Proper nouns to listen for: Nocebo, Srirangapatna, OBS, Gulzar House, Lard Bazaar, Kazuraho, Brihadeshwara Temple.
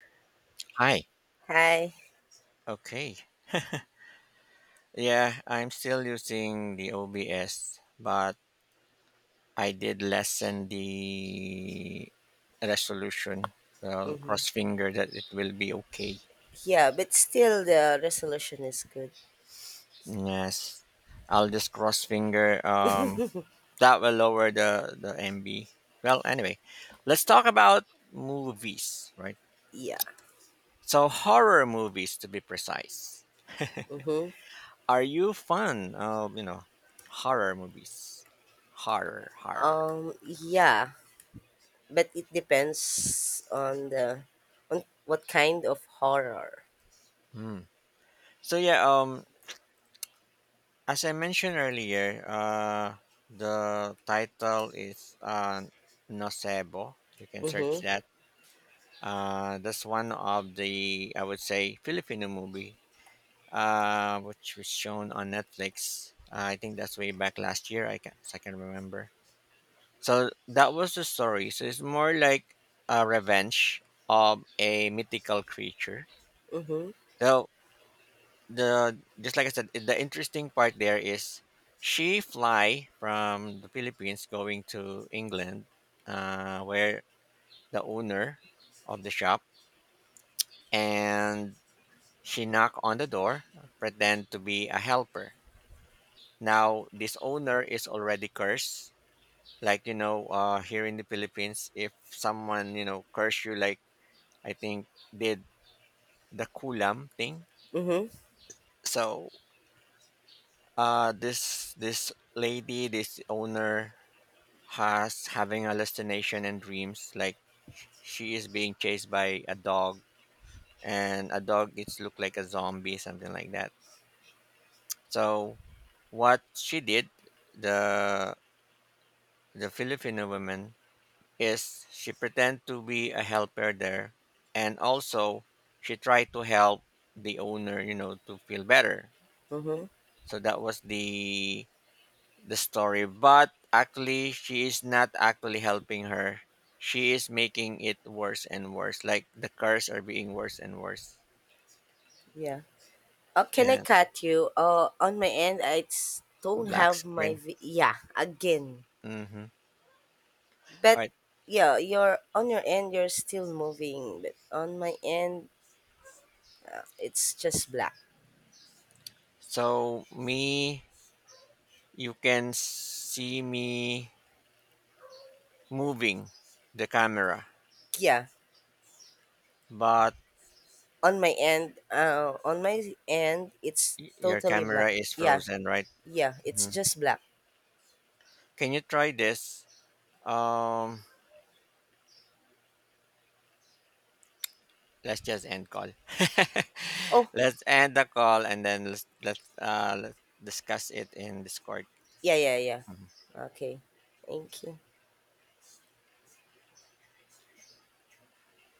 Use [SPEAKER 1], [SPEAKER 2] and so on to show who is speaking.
[SPEAKER 1] Hi.
[SPEAKER 2] Hi.
[SPEAKER 1] Okay. Yeah, I'm still using the OBS, but I did lessen the resolution. Well,
[SPEAKER 2] hmm
[SPEAKER 1] cross finger that it will be okay.
[SPEAKER 2] Yeah, but still the resolution is good.
[SPEAKER 1] Yes. I'll just cross finger. That will lower the MB. Well, anyway, let's talk about movies, right?
[SPEAKER 2] Yeah.
[SPEAKER 1] So horror movies, to be precise.
[SPEAKER 2] Mm-hmm.
[SPEAKER 1] Are you fun of horror movies? Horror, horror.
[SPEAKER 2] Yeah, but it depends on the on what kind of horror.
[SPEAKER 1] Hmm. So yeah, as I mentioned earlier, the title is Nocebo. You can search
[SPEAKER 2] Mm-hmm.
[SPEAKER 1] that. That's one of the I would say Filipino movie, which was shown on Netflix. I think that's way back last year. I can remember. So that was the story. So it's more like a revenge of a mythical creature.
[SPEAKER 2] Mm-hmm.
[SPEAKER 1] So the just like I said, the interesting part there is she fly from the Philippines going to England, where the owner of the shop and she knock on the door, pretend to be a helper. Now this owner is already cursed. Like here in the Philippines, if someone curse you, like I think did the kulam thing.
[SPEAKER 2] Mm-hmm.
[SPEAKER 1] So this lady, this owner has having hallucination and dreams like she is being chased by a dog, and a dog it's look like a zombie, something like that. So what she did, the the Filipino woman, is she pretend to be a helper there, and also she tried to help the owner, to feel better.
[SPEAKER 2] Mm-hmm.
[SPEAKER 1] So that was the story, but actually she is not actually helping her. She is making it worse and worse. Like the cars are being worse and worse.
[SPEAKER 2] Yeah. Oh, can I
[SPEAKER 1] And
[SPEAKER 2] cut you? On my end, don't
[SPEAKER 1] black
[SPEAKER 2] have my
[SPEAKER 1] screen.
[SPEAKER 2] yeah, again.
[SPEAKER 1] Mm-hmm. All
[SPEAKER 2] But
[SPEAKER 1] right.
[SPEAKER 2] yeah, you're on your end. You're still moving, but on my end, it's just black.
[SPEAKER 1] So me, you can see me moving the camera,
[SPEAKER 2] Yeah.
[SPEAKER 1] but
[SPEAKER 2] On my end, on my end it's
[SPEAKER 1] your
[SPEAKER 2] totally black.
[SPEAKER 1] camera is
[SPEAKER 2] Yeah,
[SPEAKER 1] frozen, right?
[SPEAKER 2] yeah it's
[SPEAKER 1] Mhm.
[SPEAKER 2] just black.
[SPEAKER 1] Can you try this? Um, let's just end call.
[SPEAKER 2] Oh,
[SPEAKER 1] Let's end the call, and then let's discuss it in Discord.
[SPEAKER 2] yeah.
[SPEAKER 1] Mhm.
[SPEAKER 2] Okay, thank you.